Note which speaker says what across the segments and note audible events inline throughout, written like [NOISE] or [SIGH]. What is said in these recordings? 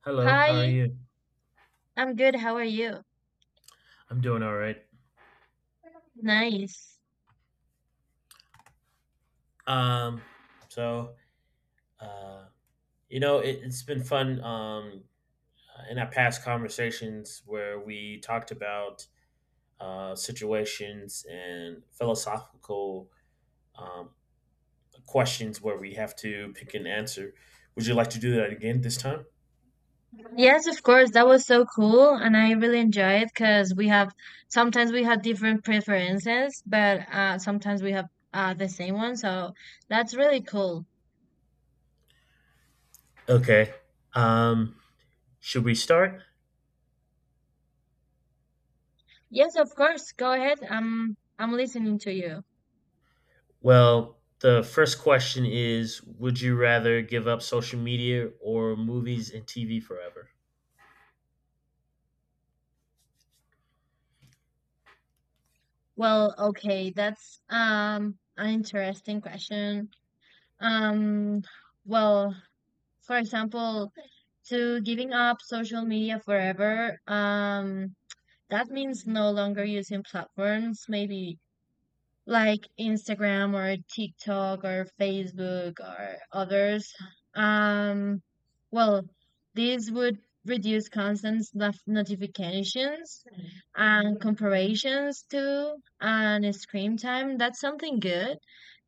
Speaker 1: Hello, how are
Speaker 2: Hi,
Speaker 1: you?
Speaker 2: I'm good. How are you?
Speaker 1: I'm doing all right.
Speaker 2: Nice.
Speaker 1: Um, so uh, it's been fun. In our past conversations where we talked about situations and philosophical um, questions where we have to pick an answer. Would you like to do that again this time?
Speaker 2: Yes, of course. That was so cool, and I really enjoy it because we have sometimes we have different preferences, but sometimes we have the same one. So that's really cool.
Speaker 1: Okay. Um, should we start?
Speaker 2: Yes, of course. Go ahead. I'm listening to you.
Speaker 1: Well, the first question is: Would you rather give up social media or movies and TV forever?
Speaker 2: Well, okay, that's an interesting question. Um, well, for example, to giving up social media forever. That means no longer using platforms maybe like Instagram or TikTok or Facebook or others. Um, well, this would reduce constant notifications and comparisons too, and screen time. That's something good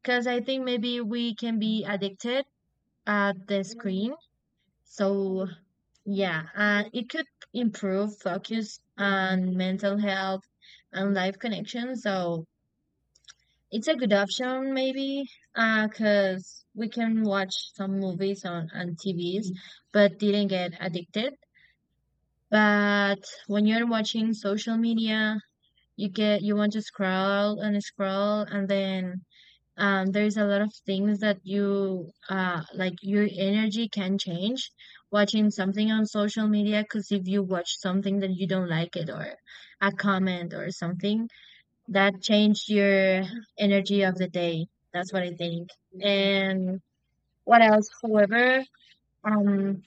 Speaker 2: because I think maybe we can be addicted at the screen. So yeah, and it could improve focus and mental health and life connections. So it's a good option, maybe, because we can watch some movies on TVs, but didn't get addicted. But when you're watching social media, you want to scroll and scroll, and then there's a lot of things that you like your energy can change watching something on social media, because if you watch something that you don't like it, or a comment or something that changed your energy of the day. That's what I think. And what else? However, um,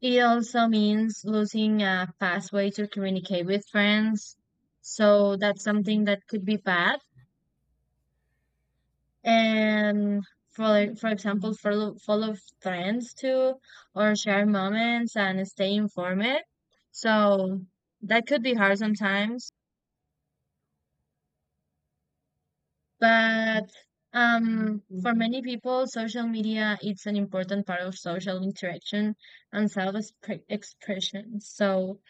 Speaker 2: it also means losing a fast way to communicate with friends, so that's something that could be bad. And for example, follow trends too, or share moments and stay informed. So that could be hard sometimes. But for many people, social media it's an important part of social interaction and expression. So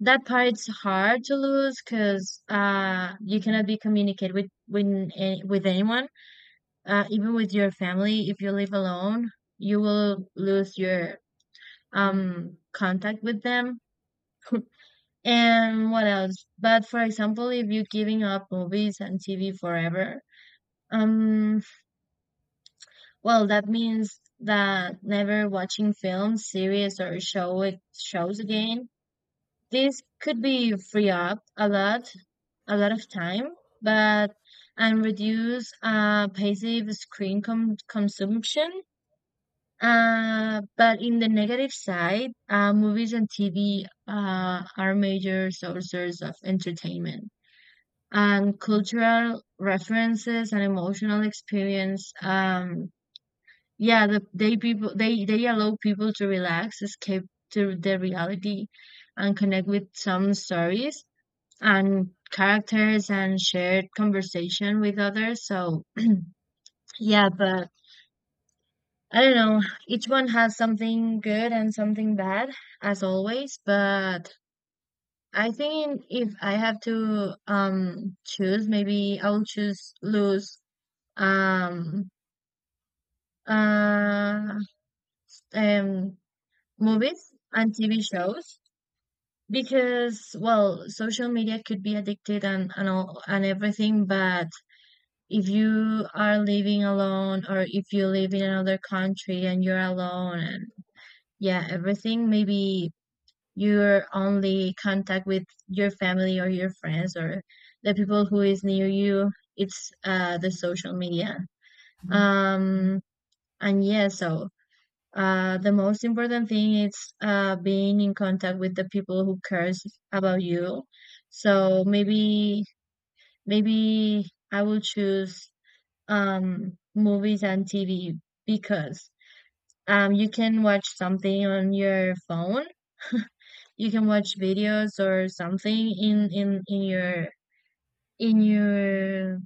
Speaker 2: that part it's hard to lose, because you cannot be communicate with, with anyone, even with your family. If you live alone, you will lose your contact with them. [LAUGHS] And what else? But for example, if you're giving up movies and TV forever, um, that means that never watching films, series, or shows again. This could be free up a lot of time, but and reduce passive screen com consumption. But in the negative side, movies and TV are major sources of entertainment and cultural references and emotional experience. Yeah, the, they people they allow people to relax, escape to the reality, and connect with some stories and characters and shared conversation with others. So yeah, but I don't know. Each one has something good and something bad, as always. But I think if I have to choose, maybe I'll choose lose um uh um movies and TV shows, because well, social media could be addicted and all and everything. But if you are living alone, or if you live in another country and you're alone and yeah, everything, maybe your only contact with your family or your friends or the people who is near you it's the social media. Um and yeah, so the most important thing is being in contact with the people who cares about you. So maybe, maybe I will choose movies and TV, because you can watch something on your phone. [LAUGHS] You can watch videos or something in your in your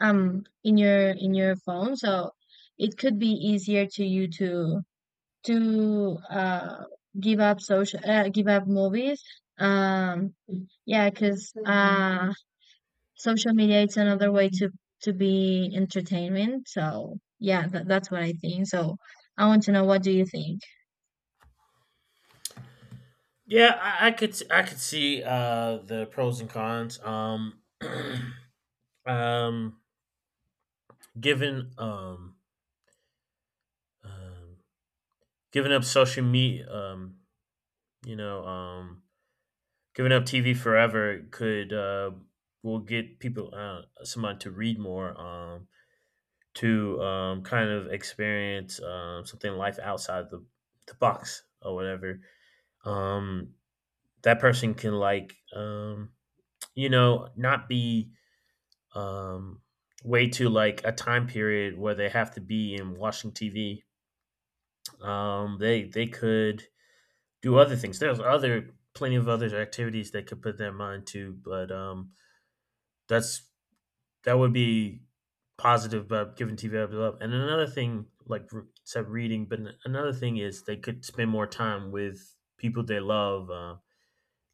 Speaker 2: in your in your phone. So it could be easier to you to give up social give up movies. um yeah, because social media it's another way to be entertainment. So yeah, that's what I think. So I want to know, what do you think?
Speaker 1: Yeah, I could see the pros and cons. [CLEARS THROAT] Um, given um giving up social media, you know, um, giving up TV forever could will get people someone to read more, to kind of experience something life outside the box or whatever. Um, that person can like, not be, um, way to like a time period where they have to be in watching TV. Um, they could do other things. There's other plenty of other activities they could put their mind to, but that's that would be positive about giving TV up. And another thing, like said, reading. But another thing is they could spend more time with people they love,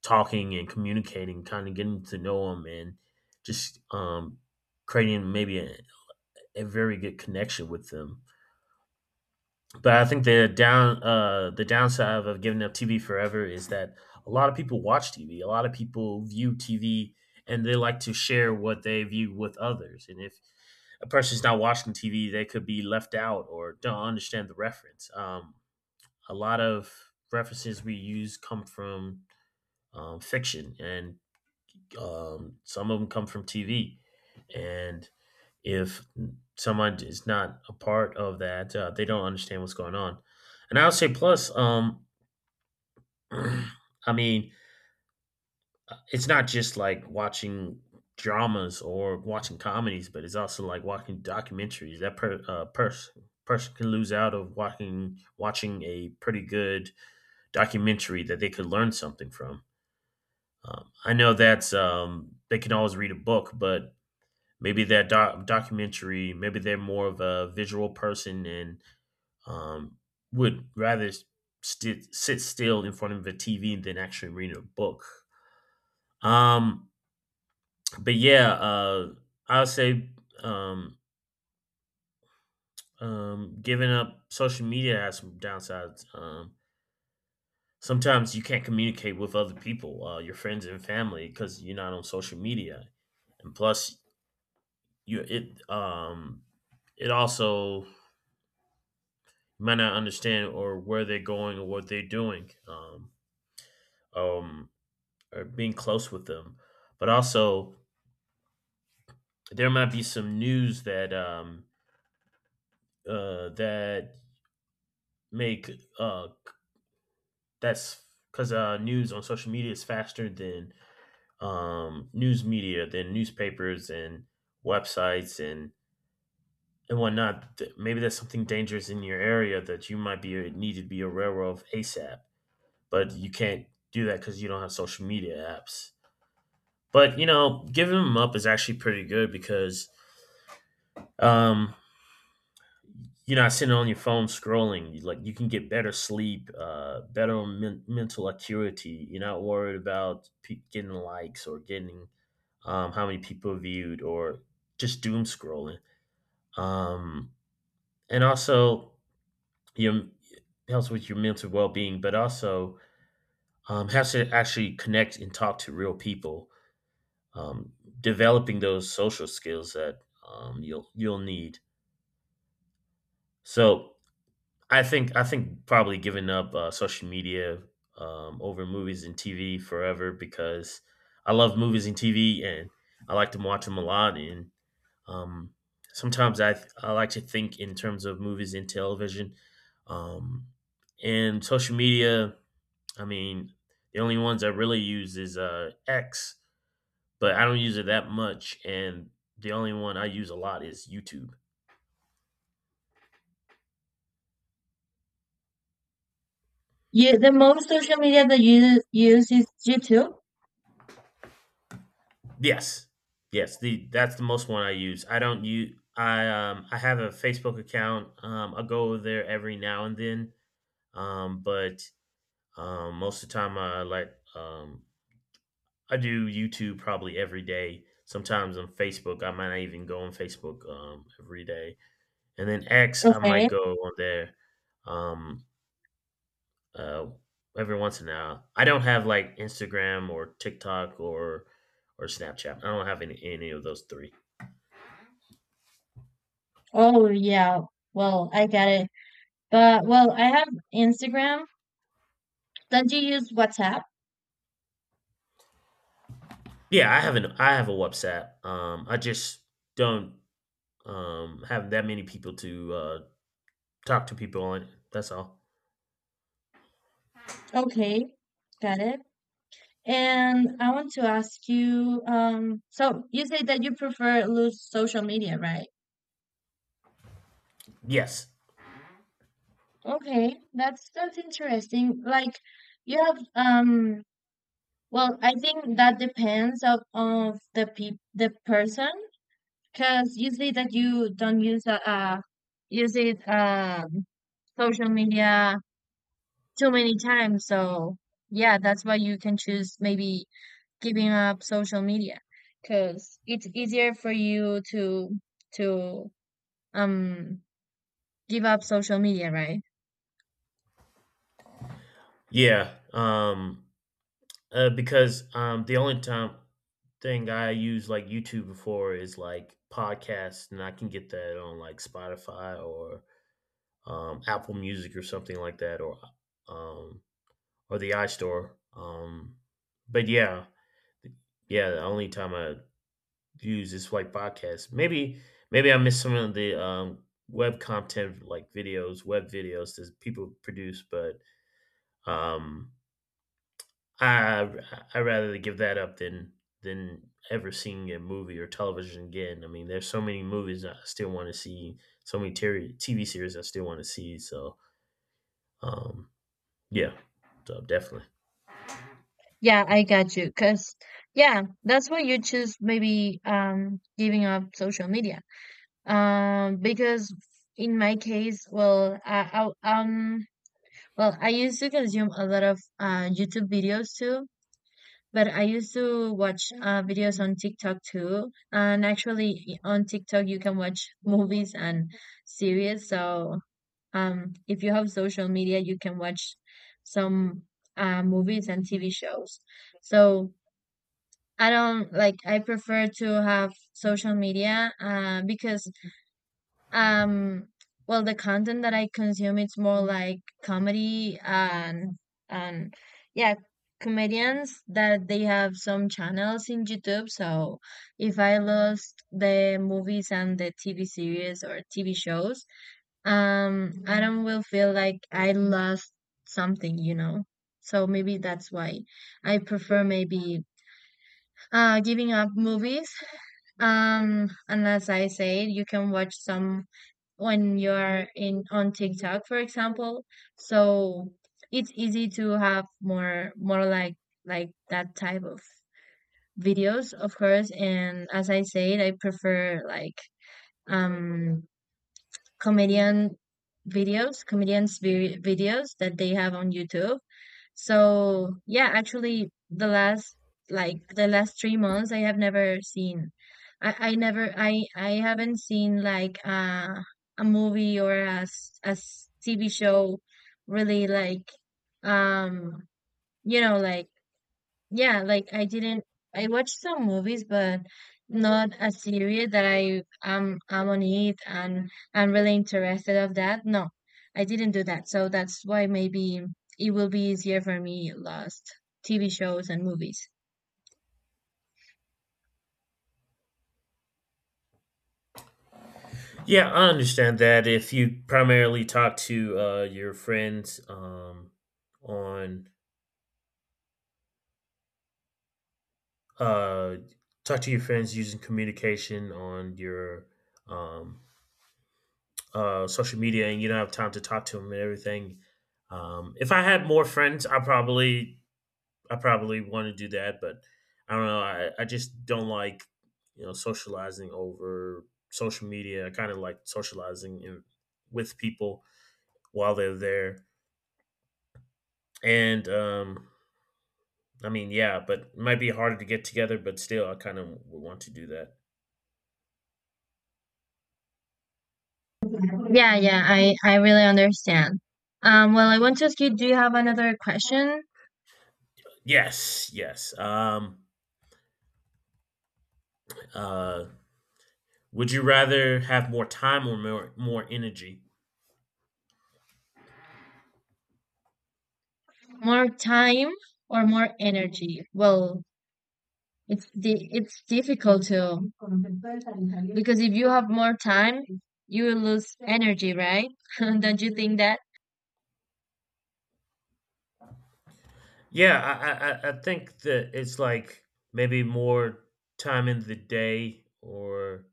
Speaker 1: talking and communicating, kind of getting to know them, and just creating maybe a very good connection with them. But I think the downside of giving up TV forever is that a lot of people watch TV. A lot of people view TV, and they like to share what they view with others. And if a person's not watching TV, they could be left out or don't understand the reference. A lot of references we use come from fiction, and some of them come from TV. And if someone is not a part of that, they don't understand what's going on. And I would say, plus, [CLEARS THROAT] I mean, it's not just like watching dramas or watching comedies, but it's also like watching documentaries. That person can lose out of watching a pretty good documentary that they could learn something from. I know that's they can always read a book, but maybe that documentary, maybe they're more of a visual person and um, would rather sit still in front of a TV than actually reading a book. Um, but yeah, I would say um, giving up social media has some downsides. Sometimes you can't communicate with other people, your friends and family, because you're not on social media, and plus you it it also might not understand or where they're going or what they're doing. Um, or being close with them, but also there might be some news that that make uh that's because news on social media is faster than news media than newspapers and websites and whatnot. Maybe there's something dangerous in your area that you might be need to be aware of ASAP, but you can't do that because you don't have social media apps. But giving them up is actually pretty good because um, you're not sitting on your phone scrolling. Like you can get better sleep, better mental acuity. You're not worried about getting likes or getting, how many people viewed or just doom scrolling. Um, and also, your it helps with your mental well being, but also has to actually connect and talk to real people. Um, Developing those social skills that you'll need. So I think probably giving up social media over movies and TV forever because I love movies and TV and I like to watch them a lot, and um, sometimes I like to think in terms of movies and television, um, and social media. I mean, the only ones I really use is X, but I don't use it that much, and the only one I use a lot is YouTube.
Speaker 2: You, the most social media that you use is YouTube?
Speaker 1: Yes. Yes, the that's the most one I use. I don't use I have a Facebook account. I go over there every now and then. But most of the time I do YouTube probably every day. Sometimes on Facebook, I might not even go on Facebook every day. And then X I might
Speaker 2: Okay.
Speaker 1: go on there um uh every once in a while. I don't have like Instagram or TikTok or Snapchat. I don't have any of those three.
Speaker 2: Oh yeah, well, I get it. But well, I have Instagram. Don't you use WhatsApp?
Speaker 1: Yeah, I have a WhatsApp. I just don't have that many people to talk to people on it. That's all.
Speaker 2: Okay, got it. And I want to ask you, so you say that you prefer loose social media, right?
Speaker 1: Yes.
Speaker 2: Okay, that's interesting. Like you have well, I think that depends of the pe the person, because you say that you don't use use it social media too many times. So yeah, that's why you can choose maybe giving up social media, because it's easier for you to to um give up social media, right?
Speaker 1: Yeah. Because the only time thing I use like YouTube before is like podcasts, and I can get that on like Spotify or Apple Music or something like that, or um the iStore. But yeah, yeah, the only time I views this white podcast. Maybe I missed some of the, web content like videos, web videos that people produce, but um, I I rather give that up than ever seeing a movie or television again. I mean, there's so many movies I still want to see, so many TV series I still want to see. So um, yeah. So definitely.
Speaker 2: Yeah, I got you. Cause yeah, that's why you choose maybe giving up social media. Because in my case, well, I well, I used to consume a lot of YouTube videos too. But I used to watch videos on TikTok too. And actually, on TikTok, you can watch movies and series. So, if you have social media, you can watch some movies and TV shows. So, I don't like, I prefer to have social media, because um, well, the content that I consume it's more like comedy and yeah, comedians that they have some channels in YouTube. So if I lost the movies and the TV series or TV shows, I don't will feel like I lost something, you know. So maybe that's why I prefer maybe giving up movies. [LAUGHS] Unless I say, you can watch some when you're in on TikTok, for example. So it's easy to have more like that type of videos, of course. And as I said, I prefer like um comedian videos, videos that they have on YouTube. So yeah, actually the last 3 months I have never seen I never I I haven't seen like a movie or TV show, really like um you know like yeah, like I didn't, I watched some movies, but not a series that I'm on it and I'm really interested of that. No, I didn't do that. So that's why maybe it will be easier for me lost TV shows and movies.
Speaker 1: Yeah, I understand that if you primarily talk to, your friends, on uh, talk to your friends using communication on your, um, social media, and you don't have time to talk to them and everything. If I had more friends, i probably want to do that, but I don't know. I just don't like socializing over social media. I kind of like socializing in, with people while they're there. And i mean, yeah, but it might be harder to get together, but still I kind of would want to do that.
Speaker 2: Yeah, yeah, I really understand. Well, I want to ask you, do you have another question?
Speaker 1: Yes, yes. Uh, would you rather have more time or more energy?
Speaker 2: More time or more energy? Well, it's it's difficult to, because if you have more time, you will lose energy, right? [LAUGHS] Don't you think that?
Speaker 1: Yeah, I think that it's like, maybe, more time in the day, or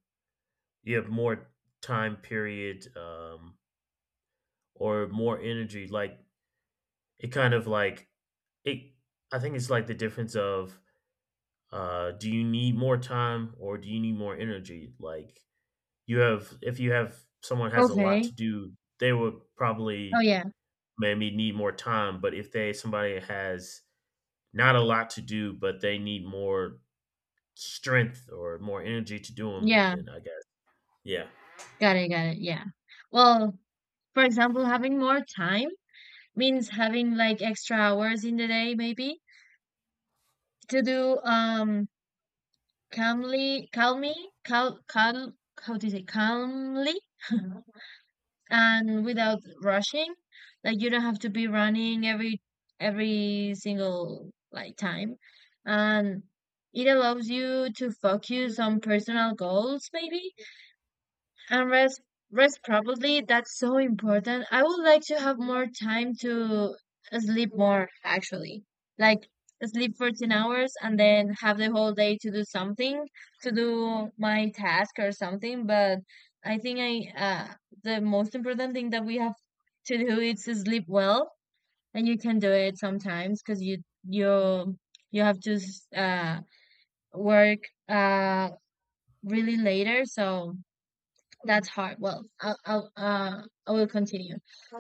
Speaker 1: you have more time period, or more energy. Like it kind of like it. I think it's like the difference of, do you need more time or do you need more energy? Like if you have someone has a lot
Speaker 2: Okay.
Speaker 1: to do, they would
Speaker 2: Oh
Speaker 1: probably
Speaker 2: yeah.
Speaker 1: maybe need more time. But if they somebody has not a lot to do, but they need more strength or more energy to do them,
Speaker 2: Yeah.
Speaker 1: then I guess yeah,
Speaker 2: Got it. Got it. Yeah. Well, for example, having more time means having like extra hours in the day, maybe to do calmly, cal, cal, how do you say calmly and without rushing, like you don't have to be running every single like time. And it allows you to focus on personal goals maybe, and rest, probably that's so important. I would like to have more time to sleep more actually. Like sleep 14 hours and then have the whole day to do something, to do my task or something. But I think I the most important thing that we have to do is to sleep well, and you can do it sometimes because you you have to work uh really later, so that's hard. Well, I'll I will continue.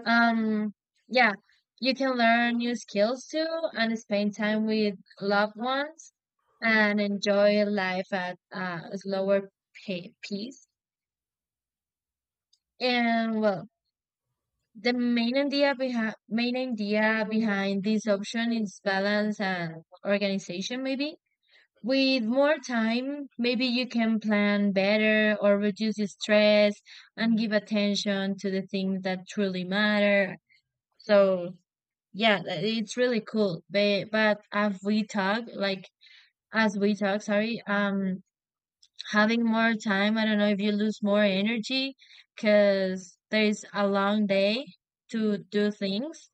Speaker 2: Um, yeah, you can learn new skills too, and spend time with loved ones, and enjoy life at a slower pace. And well, the main idea behind this option is balance and organization, maybe. With more time, maybe you can plan better or reduce the stress and give attention to the things that truly matter. So, yeah, it's really cool. But, as we talk, sorry, having more time, I don't know if you lose more energy, because there is a long day to do things.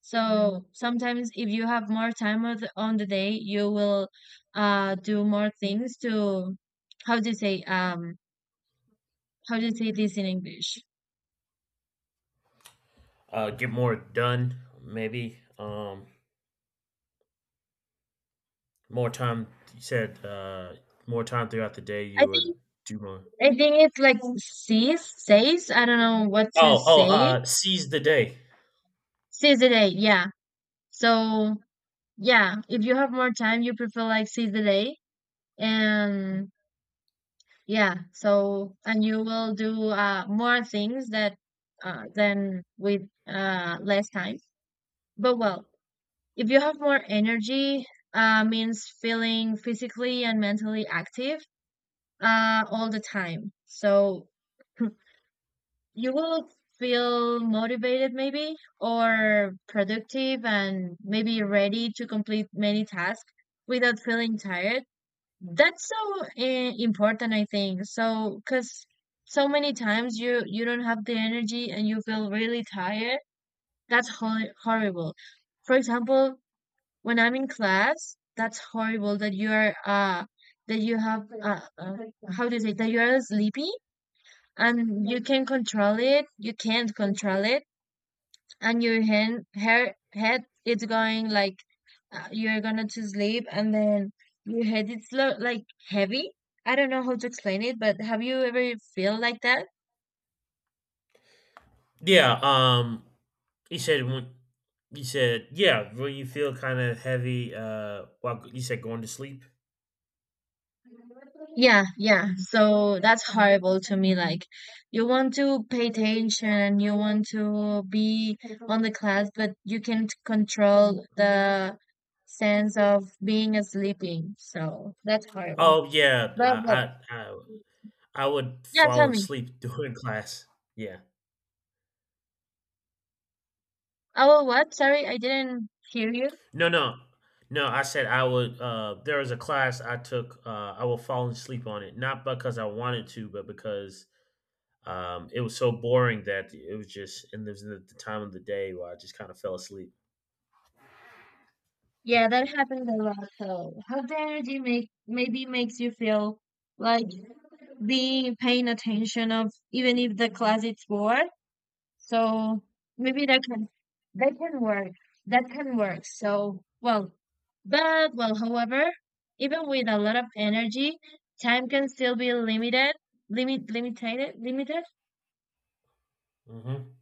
Speaker 2: So sometimes if you have more time on the day, you will do more things to, how do you say how do you say this in English?
Speaker 1: get more done maybe. More time. You said more time throughout the day.
Speaker 2: I
Speaker 1: You would
Speaker 2: think
Speaker 1: do more.
Speaker 2: it's like seize, says I don't know what to
Speaker 1: Oh, oh,
Speaker 2: say.
Speaker 1: uh, seize the day.
Speaker 2: Seize the day, yeah. So yeah, if you have more time, you prefer like seize the day and yeah. So and you will do more things that than with less time. But well, if you have more energy, means feeling physically and mentally active all the time. So you will feel motivated, maybe, or productive, and maybe ready to complete many tasks without feeling tired. That's so important, I think. So, because so many times you don't have the energy and you feel really tired. That's horrible. For example, when I'm in class, that's horrible that you are that you have how do you say, that you are sleepy, and you can control it, you can't control it, and your hand hair head it's going like you're gonna to sleep, and then your head it's like heavy. I don't know how to explain it, but have you ever feel like that?
Speaker 1: Yeah. You said when you said, yeah, when you feel kind of heavy. While you said going to sleep.
Speaker 2: Yeah, yeah. So that's horrible to me. Like, you want to pay attention, you want to be on the class, but you can't control the sense of being sleeping. So that's horrible.
Speaker 1: Oh yeah,
Speaker 2: But
Speaker 1: I would
Speaker 2: yeah,
Speaker 1: fall
Speaker 2: tell me.
Speaker 1: asleep [LAUGHS] during class. Yeah.
Speaker 2: Oh, what? Sorry, I didn't hear you.
Speaker 1: No, no, no. I said I would. There was a class I took. I would fall asleep on it, not because I wanted to, but because, it was so boring that it was just. And there's the time of the day where I just kind of fell asleep.
Speaker 2: Yeah, that happens a lot. So how the energy make maybe makes you feel like being paying attention of even if the class is bored. So maybe that can, that can work. That can work. So well, but well, however, even with a lot of energy, time can still be limited, limited,
Speaker 1: Hmm.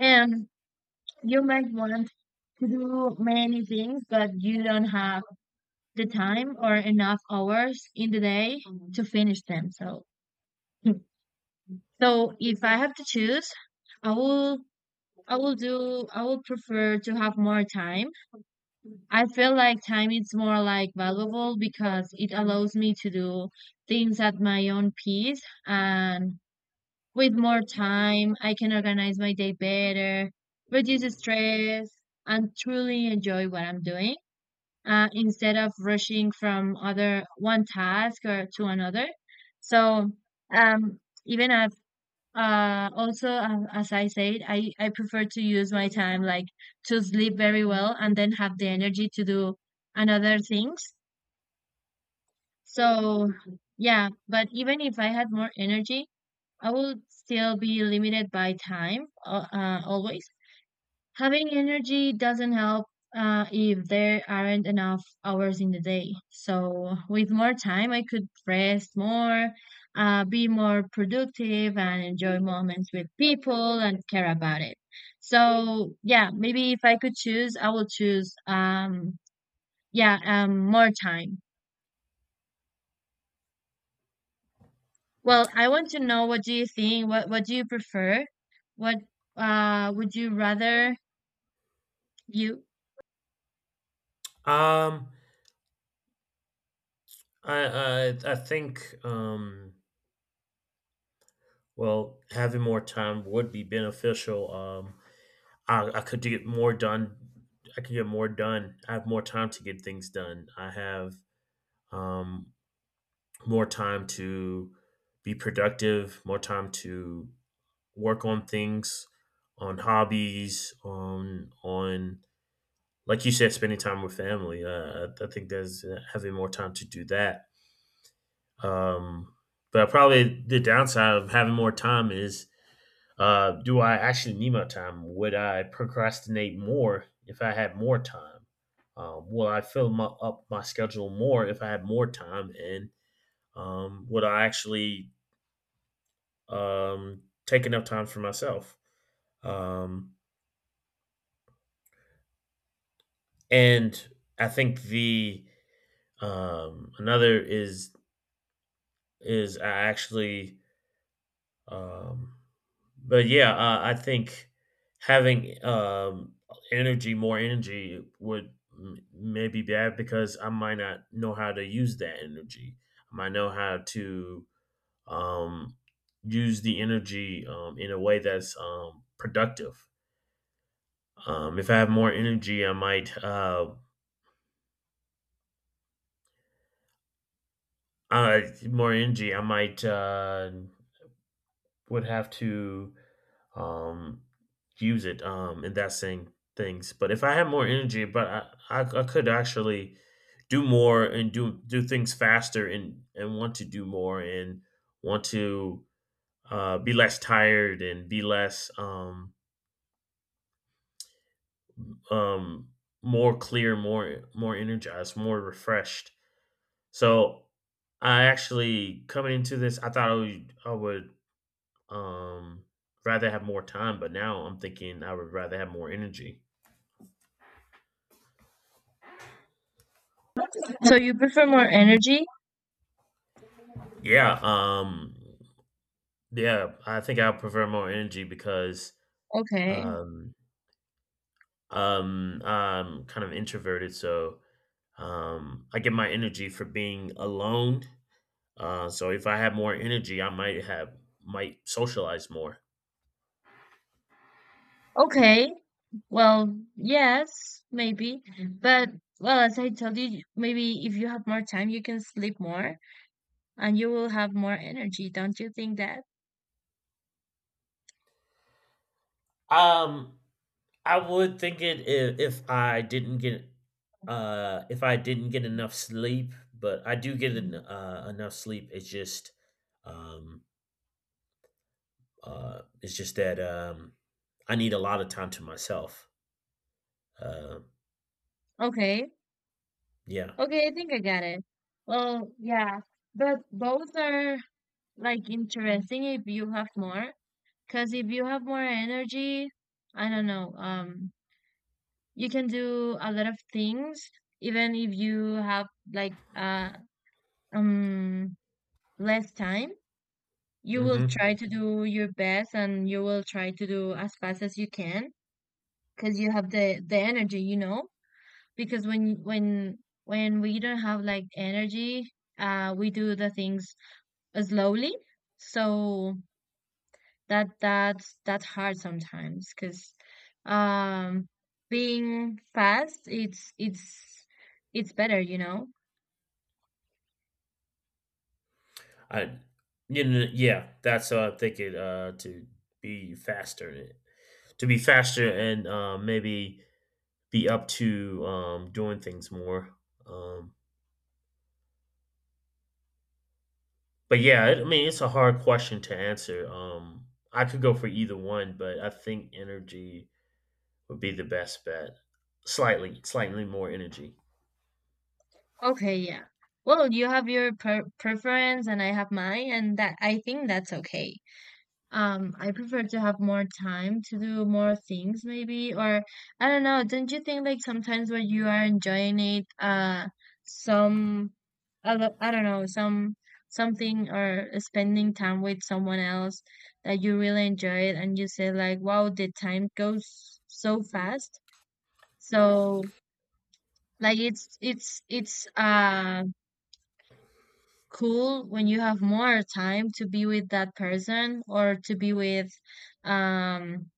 Speaker 2: and you might want to do many things, but you don't have the time or enough hours in the day to finish them. So, [LAUGHS] so if I have to choose, I will, I will prefer to have more time. I feel like time is more like valuable because it allows me to do things at my own pace, and with more time I can organize my day better, reduce stress, and truly enjoy what I'm doing, instead of rushing from other one task or to another. So um even also, as I said, I prefer to use my time like to sleep very well and then have the energy to do another things. So, yeah, but even if I had more energy, I would still be limited by time, always. Having energy doesn't help if there aren't enough hours in the day. So, with more time, I could rest more, be more productive, and enjoy moments with people and care about it. So, yeah, maybe if I could choose, I will choose, yeah, more time. Well, I want to know, what do you think? What do you prefer? What would you rather you?
Speaker 1: Um, I, I think. Um, well, having more time would be beneficial. I could get more done. I could get more done. I have more time to get things done. I have, um, more time to be productive, more time to work on things, on hobbies, on like you said, spending time with family. I think there's, having more time to do that. Um, but probably the downside of having more time is. Do I actually need my time? Would I procrastinate more if I had more time? Will I fill up my schedule more if I had more time? And would I actually, take enough time for myself? Um, and I think the another is I actually. Um, but yeah, I think having, energy, more energy, would may be bad because I might not know how to use that energy. I might know how to, um, use the energy, in a way that's, productive. If I have more energy, I might, uh, more energy. I might, would have to, um, use it, in that same things. But if I had more energy, but I could actually do more and do things faster, and want to do more and want to, be less tired and be less, um, more clear, more energized, more refreshed. So I actually coming into this, I thought, I would, um, rather have more time, but now I'm thinking I would rather have more energy.
Speaker 2: So you prefer more energy?
Speaker 1: Yeah, yeah, I think I prefer more energy because,
Speaker 2: Okay.
Speaker 1: um, I'm kind of introverted, so, I get my energy for being alone. So if I have more energy, I might have might socialize more.
Speaker 2: Okay. Well, yes, maybe. But well, as I told you, maybe if you have more time, you can sleep more and you will have more energy. Don't you think that?
Speaker 1: Um, I would think it if I didn't get if I didn't get enough sleep, but I do get, enough sleep. It's just, um it's just that, I need a lot of time to myself. Uh,
Speaker 2: Okay.
Speaker 1: yeah.
Speaker 2: Okay, I think I got it. Well, yeah, but both are like interesting if you have more, because if you have more energy, I don't know, you can do a lot of things, even if you have like um less time. You will
Speaker 1: Hmm.
Speaker 2: try to do your best and you will try to do as fast as you can, because you have the energy, you know, because when we don't have like energy, we do the things slowly. So that's hard sometimes because, um being fast, it's better, you know.
Speaker 1: I, you know, yeah, that's what I'm thinking. To be faster, in it. To be faster, and maybe be up to, doing things more. Um, but yeah, I mean, it's a hard question to answer. I could go for either one, but I think energy would be the best bet. Slightly, slightly more energy.
Speaker 2: Okay, yeah, well, you have your preference and I have mine, and that, I think that's okay. I prefer to have more time to do more things maybe, or I don't know, don't you think like sometimes when you are enjoying it, some, I don't know, some something, or spending time with someone else that you really enjoy it, and you say like, wow, the time goes so fast. So like it's cool when you have more time to be with that person, or to be with um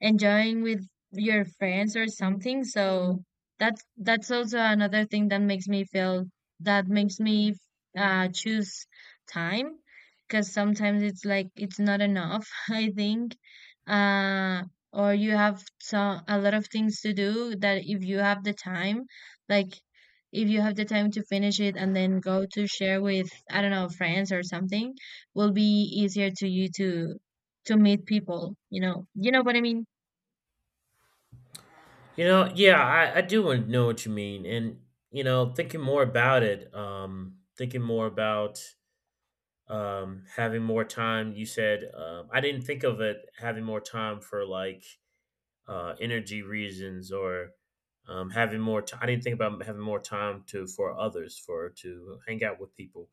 Speaker 2: enjoying with your friends or something. So that's also another thing that makes me feel, that makes me choose time, because sometimes it's like it's not enough, [LAUGHS] I think. Uh, or you have so a lot of things to do that if you have the time, like if you have the time to finish it and then go to share with, I don't know, friends or something, will be easier to you to meet people, you know. You know what I mean?
Speaker 1: You know, yeah, I do know what you mean. And, thinking more about it, thinking more about, having more time, you said, I didn't think of it having more time for like, energy reasons, or having more time. I didn't think about having more time to for others, for to hang out with people.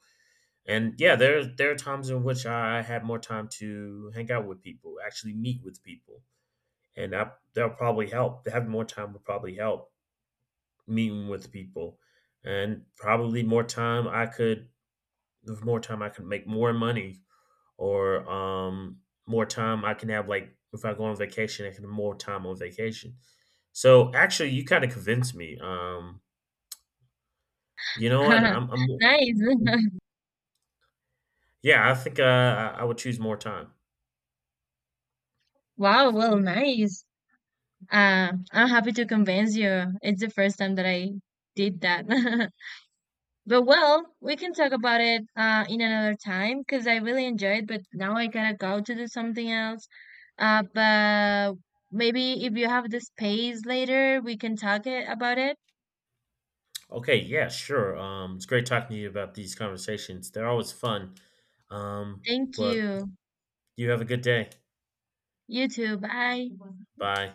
Speaker 1: And yeah, there are times in which I had more time to hang out with people, actually meet with people. And that'll probably help. Having more time would probably help meeting with people, and probably, more time I could with more time I could make more money, or more time I can have, like, if I go on vacation I can have more time on vacation. So actually you kind of convinced me. You know what?
Speaker 2: [LAUGHS]
Speaker 1: I'm
Speaker 2: Nice. [LAUGHS]
Speaker 1: Yeah, I think, I would choose more time.
Speaker 2: Wow, well, nice. I'm happy to convince you. It's the first time that I did that. [LAUGHS] But well, we can talk about it in another time because I really enjoyed, but now I gotta go to do something else. But maybe if you have the space later, we can talk it about it.
Speaker 1: Okay, yeah, sure. It's great talking to you about these conversations. They're always fun.
Speaker 2: Thank
Speaker 1: But
Speaker 2: you.
Speaker 1: you have a good day.
Speaker 2: You too. Bye.
Speaker 1: Bye.